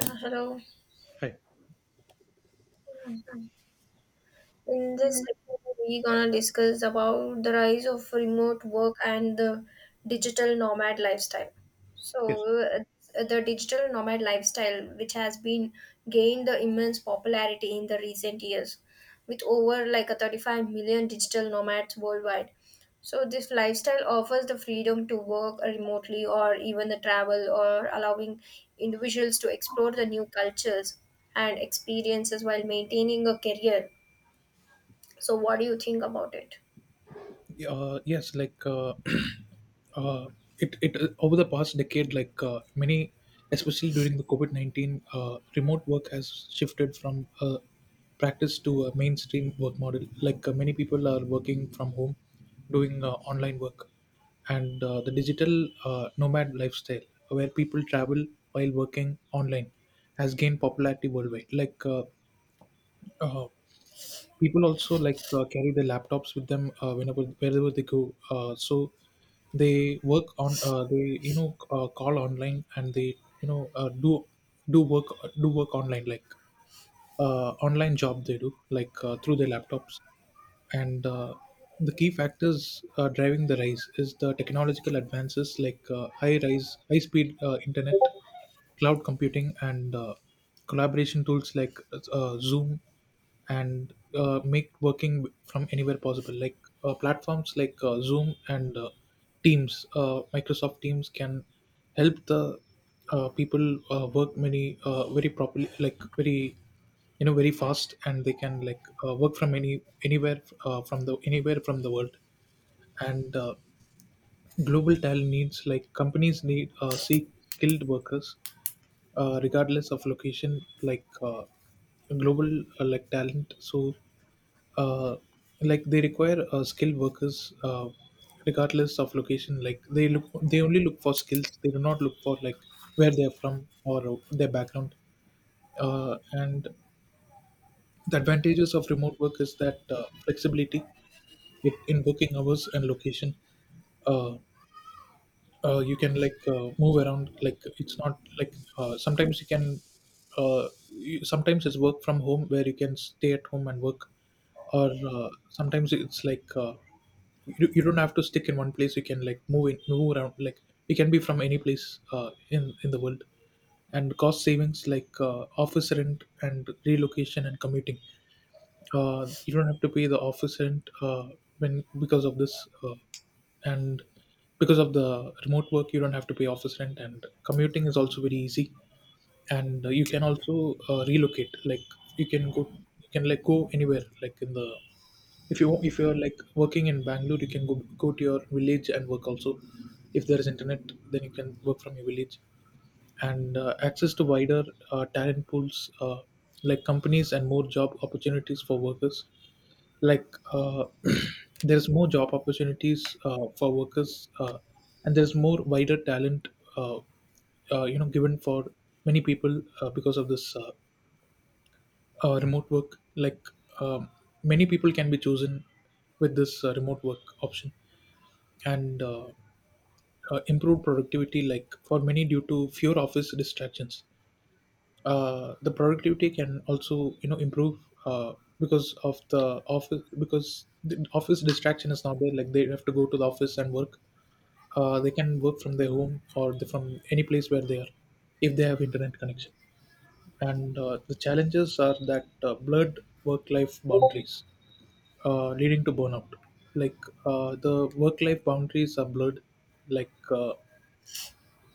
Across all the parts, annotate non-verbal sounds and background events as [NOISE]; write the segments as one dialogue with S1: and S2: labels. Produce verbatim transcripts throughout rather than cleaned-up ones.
S1: Hello.
S2: Hi.
S1: In this episode, we're gonna discuss about the rise of remote work and the digital nomad lifestyle.
S2: Yes.
S1: So, uh, the digital nomad lifestyle, which has been gained the immense popularity in the recent years, with over like a thirty-five million digital nomads worldwide. So, this lifestyle offers the freedom to work remotely or even the travel, or allowing individuals to explore the new cultures and experiences while maintaining a career, so what do you think about it?
S2: Uh, yes. Like uh, [CLEARS THROAT] uh, it. It uh, over the past decade, like uh, many, especially during the COVID nineteen, uh, remote work has shifted from uh, practice to a mainstream work model. Like uh, many people are working from home, doing uh, online work, and uh, the digital uh, nomad lifestyle, where people travel while working online, has gained popularity worldwide. Like uh, uh, people also like uh, carry their laptops with them uh, whenever wherever they go, uh, so they work on, uh, they you know uh, call online, and they you know uh, do do work do work online, like uh, online job they do, like uh, through their laptops. And uh, the key factors uh, driving the rise is the technological advances, like uh, high rise high speed uh, internet, cloud computing, and uh, collaboration tools like uh, Zoom, and uh, make working from anywhere possible. Like uh, platforms like uh, Zoom and uh, Teams, uh, Microsoft Teams, can help the uh, people uh, work many uh, very properly, like very, you know very fast, and they can like uh, work from any anywhere, uh, from the anywhere from the world. And uh, global talent needs, like companies need uh, seek skilled workers uh, regardless of location, like uh, global, uh, like talent, so uh, like they require uh, skilled workers uh, regardless of location, like they look they only look for skills, they do not look for like where they're from, or uh, their background. Uh, and the advantages of remote work is that uh, flexibility in in working hours and location. uh, uh, you can like uh, move around, like it's not like, uh, sometimes you can, uh, you, sometimes it's work from home where you can stay at home and work, or uh, sometimes it's like, uh, you, you don't have to stick in one place, you can like move in move around, like you can be from any place uh, in in the world. And cost savings, like uh, office rent and relocation and commuting, uh, you don't have to pay the office rent, uh, when because of this, uh, and because of the remote work, you don't have to pay office rent, and commuting is also very easy, and uh, you can also uh, relocate, like you can go, you can like go anywhere, like in the, if you if you're like working in Bangalore, you can go go to your village and work also, if there is internet, then you can work from your village. And uh, access to wider uh, talent pools, uh, like companies and more job opportunities for workers, like uh, [CLEARS THROAT] there's more job opportunities uh, for workers, uh, and there's more wider talent, uh, uh, you know given for many people uh, because of this, uh, uh, remote work, like um, many people can be chosen with this uh, remote work option. And uh, uh, improved productivity, like for many, due to fewer office distractions, uh, the productivity can also, you know improve, uh, because of the office, because the office distraction is not there, like they have to go to the office and work, uh, they can work from their home or the, from any place where they are, if they have internet connection. And uh, the challenges are that uh, blurred work life boundaries uh, leading to burnout, like uh, the work life boundaries are blurred, like uh,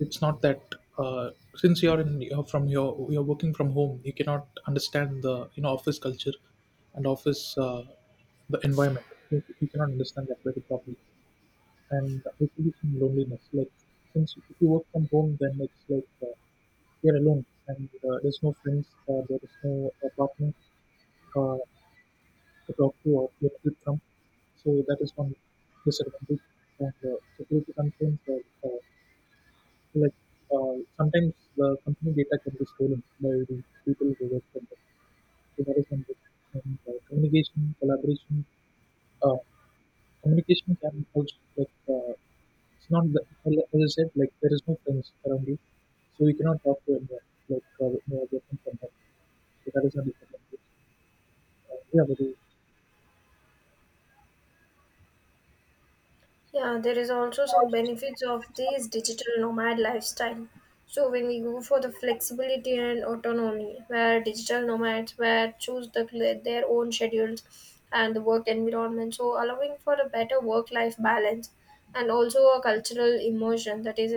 S2: it's not that, uh, since you're in, you're from your, you're working from home, you cannot understand the, you know office culture and office, uh, the environment, you, you cannot understand that very properly. And it is in loneliness, like since if you work from home, then it's like uh, you're alone, and uh, there's no friends, uh, there is no uh, partner uh, to talk to or get help from. So that is one disadvantage. And uh, security concerns are, uh, Like uh, sometimes the company data can be stolen by the people who work for them. So that is one thing. And uh, communication, collaboration, uh, communication can also, like, uh, it's not the, as I said, like there is no friends around you, so you cannot talk to anyone, like uh, you are working from home. So that is a disadvantage. Uh, yeah, but you,
S1: Yeah, there is also some benefits of this digital nomad lifestyle. So when we go for the flexibility and autonomy, where digital nomads where choose the, their own schedules and the work environment, so allowing for a better work-life balance, and also a cultural immersion, that is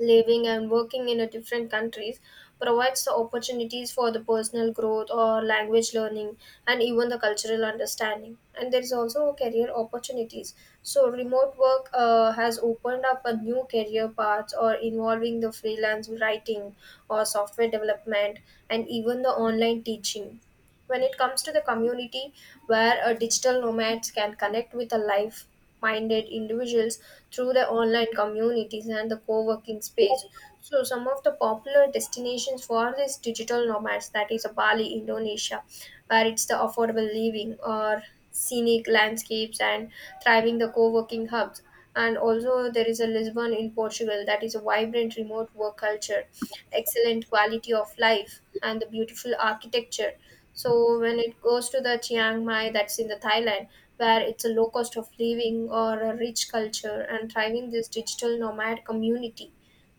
S1: living and working in a different countries, provides the opportunities for the personal growth or language learning and even the cultural understanding. And there is also career opportunities, so remote work uh, has opened up a new career paths or involving the freelance writing or software development and even the online teaching. When it comes to the community, where uh, digital nomads can connect with a life minded individuals through the online communities and the co-working space. So some of the popular destinations for these digital nomads, that is uh, Bali, Indonesia, where it's the affordable living or scenic landscapes and thriving the co-working hubs. And also there is a Lisbon in Portugal, that is a vibrant remote work culture, excellent quality of life and the beautiful architecture. So when it goes to the Chiang Mai, that's in the Thailand, where it's a low cost of living or a rich culture and thriving this digital nomad community.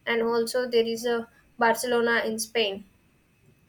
S1: And also there is a Barcelona in Spain,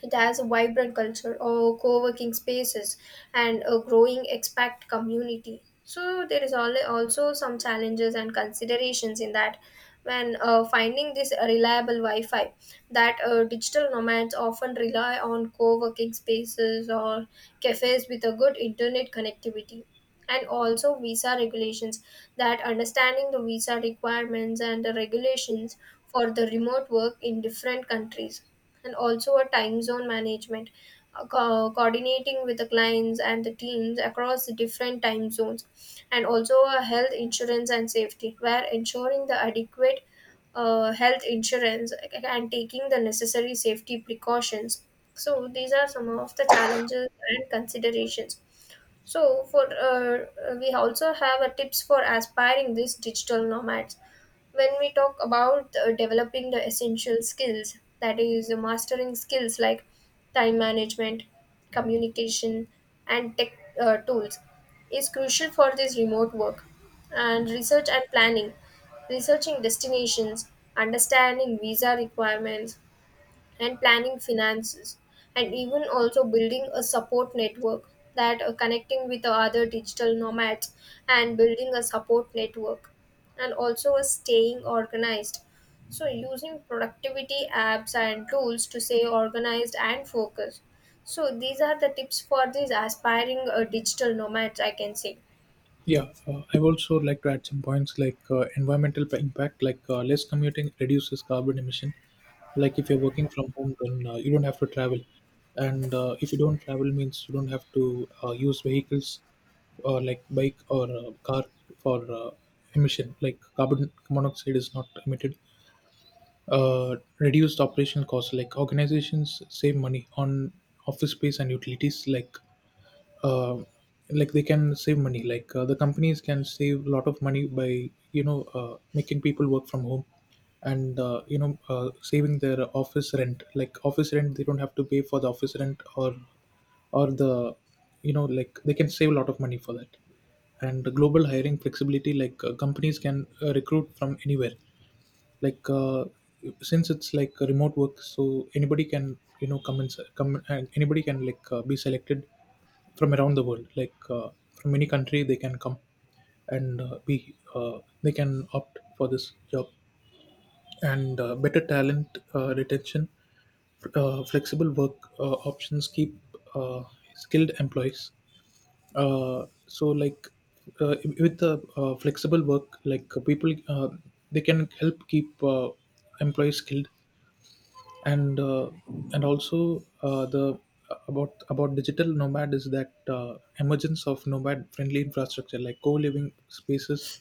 S1: it has a vibrant culture of co-working spaces and a growing expat community. So there is al- also some challenges and considerations in that. When uh, finding this reliable Wi-Fi, that uh, digital nomads often rely on co-working spaces or cafes with a good internet connectivity. And also visa regulations, that understanding the visa requirements and the regulations for the remote work in different countries. And also a time zone management, uh, co- coordinating with the clients and the teams across the different time zones, and also a health insurance and safety, where ensuring the adequate uh, health insurance and taking the necessary safety precautions. So, these are some of the challenges and considerations. So for uh, we also have a tips for aspiring these digital nomads. When we talk about uh, developing the essential skills, that is uh, mastering skills like time management, communication, and tech uh, tools, is crucial for this remote work. And research and planning, researching destinations, understanding visa requirements, and planning finances, and even also building a support network, that uh, connecting with the other digital nomads and building a support network, and also a staying organized, so using productivity apps and tools to stay organized and focused. So these are the tips for these aspiring uh, digital nomads I can say.
S2: yeah, uh, I also like to add some points, like uh, environmental p- impact, like uh, less commuting reduces carbon emission, like if you're working from home, then uh, you don't have to travel. And uh, if you don't travel means you don't have to uh, use vehicles or like bike or uh, car for uh, emission, like carbon monoxide is not emitted. Uh, reduced operation costs, like organizations save money on office space and utilities, like uh, like they can save money, like uh, the companies can save a lot of money by, you know uh, making people work from home, and uh, you know uh, saving their office rent, like office rent they don't have to pay for the office rent, or or the, you know like they can save a lot of money for that. And the global hiring flexibility, like uh, companies can uh, recruit from anywhere, like uh, since it's like a remote work, so anybody can, you know come and come and anybody can, like, uh, be selected from around the world, like uh, from any country they can come, and uh, be uh, they can opt for this job. And uh, better talent uh, retention, uh, flexible work uh, options keep uh, skilled employees, uh, so like uh, with the uh, flexible work, like uh, people, uh, they can help keep uh, employees skilled. And uh, and also uh, the about about digital nomad is that uh, emergence of nomad friendly infrastructure, like co-living spaces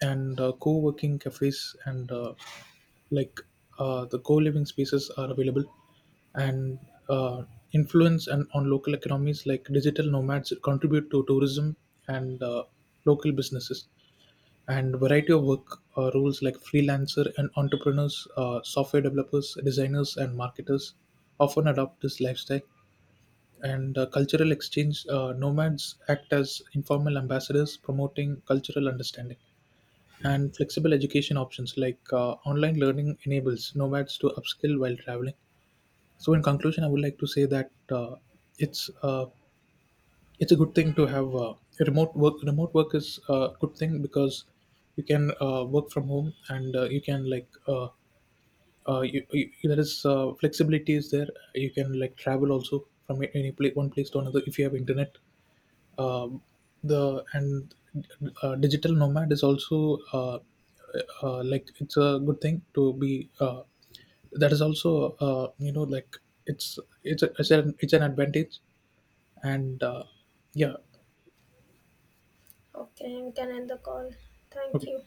S2: and uh, co-working cafes, and uh, like uh, the co-living spaces are available. And uh, influence and on local economies, like digital nomads contribute to tourism and uh, local businesses, and variety of work uh, roles, like freelancer and entrepreneurs, uh, software developers, designers, and marketers often adopt this lifestyle. And uh, cultural exchange, uh, nomads act as informal ambassadors, promoting cultural understanding, and flexible education options, like uh, online learning enables nomads to upskill while traveling. So in conclusion, I would like to say that, uh, it's uh, it's a good thing to have uh, remote work. Remote work is a good thing because you can uh, work from home, and uh, you can like, uh, uh, you, you, there is uh, flexibility is there, you can like travel also from a- any place, one place to another, if you have internet. um, the, and uh, digital nomad is also, uh, uh, like it's a good thing to be. Uh, that is also, uh, you know like, it's it's a, it's an it's an advantage. And uh, yeah.
S1: Okay, we can end the call. Thank
S2: Okay.
S1: you.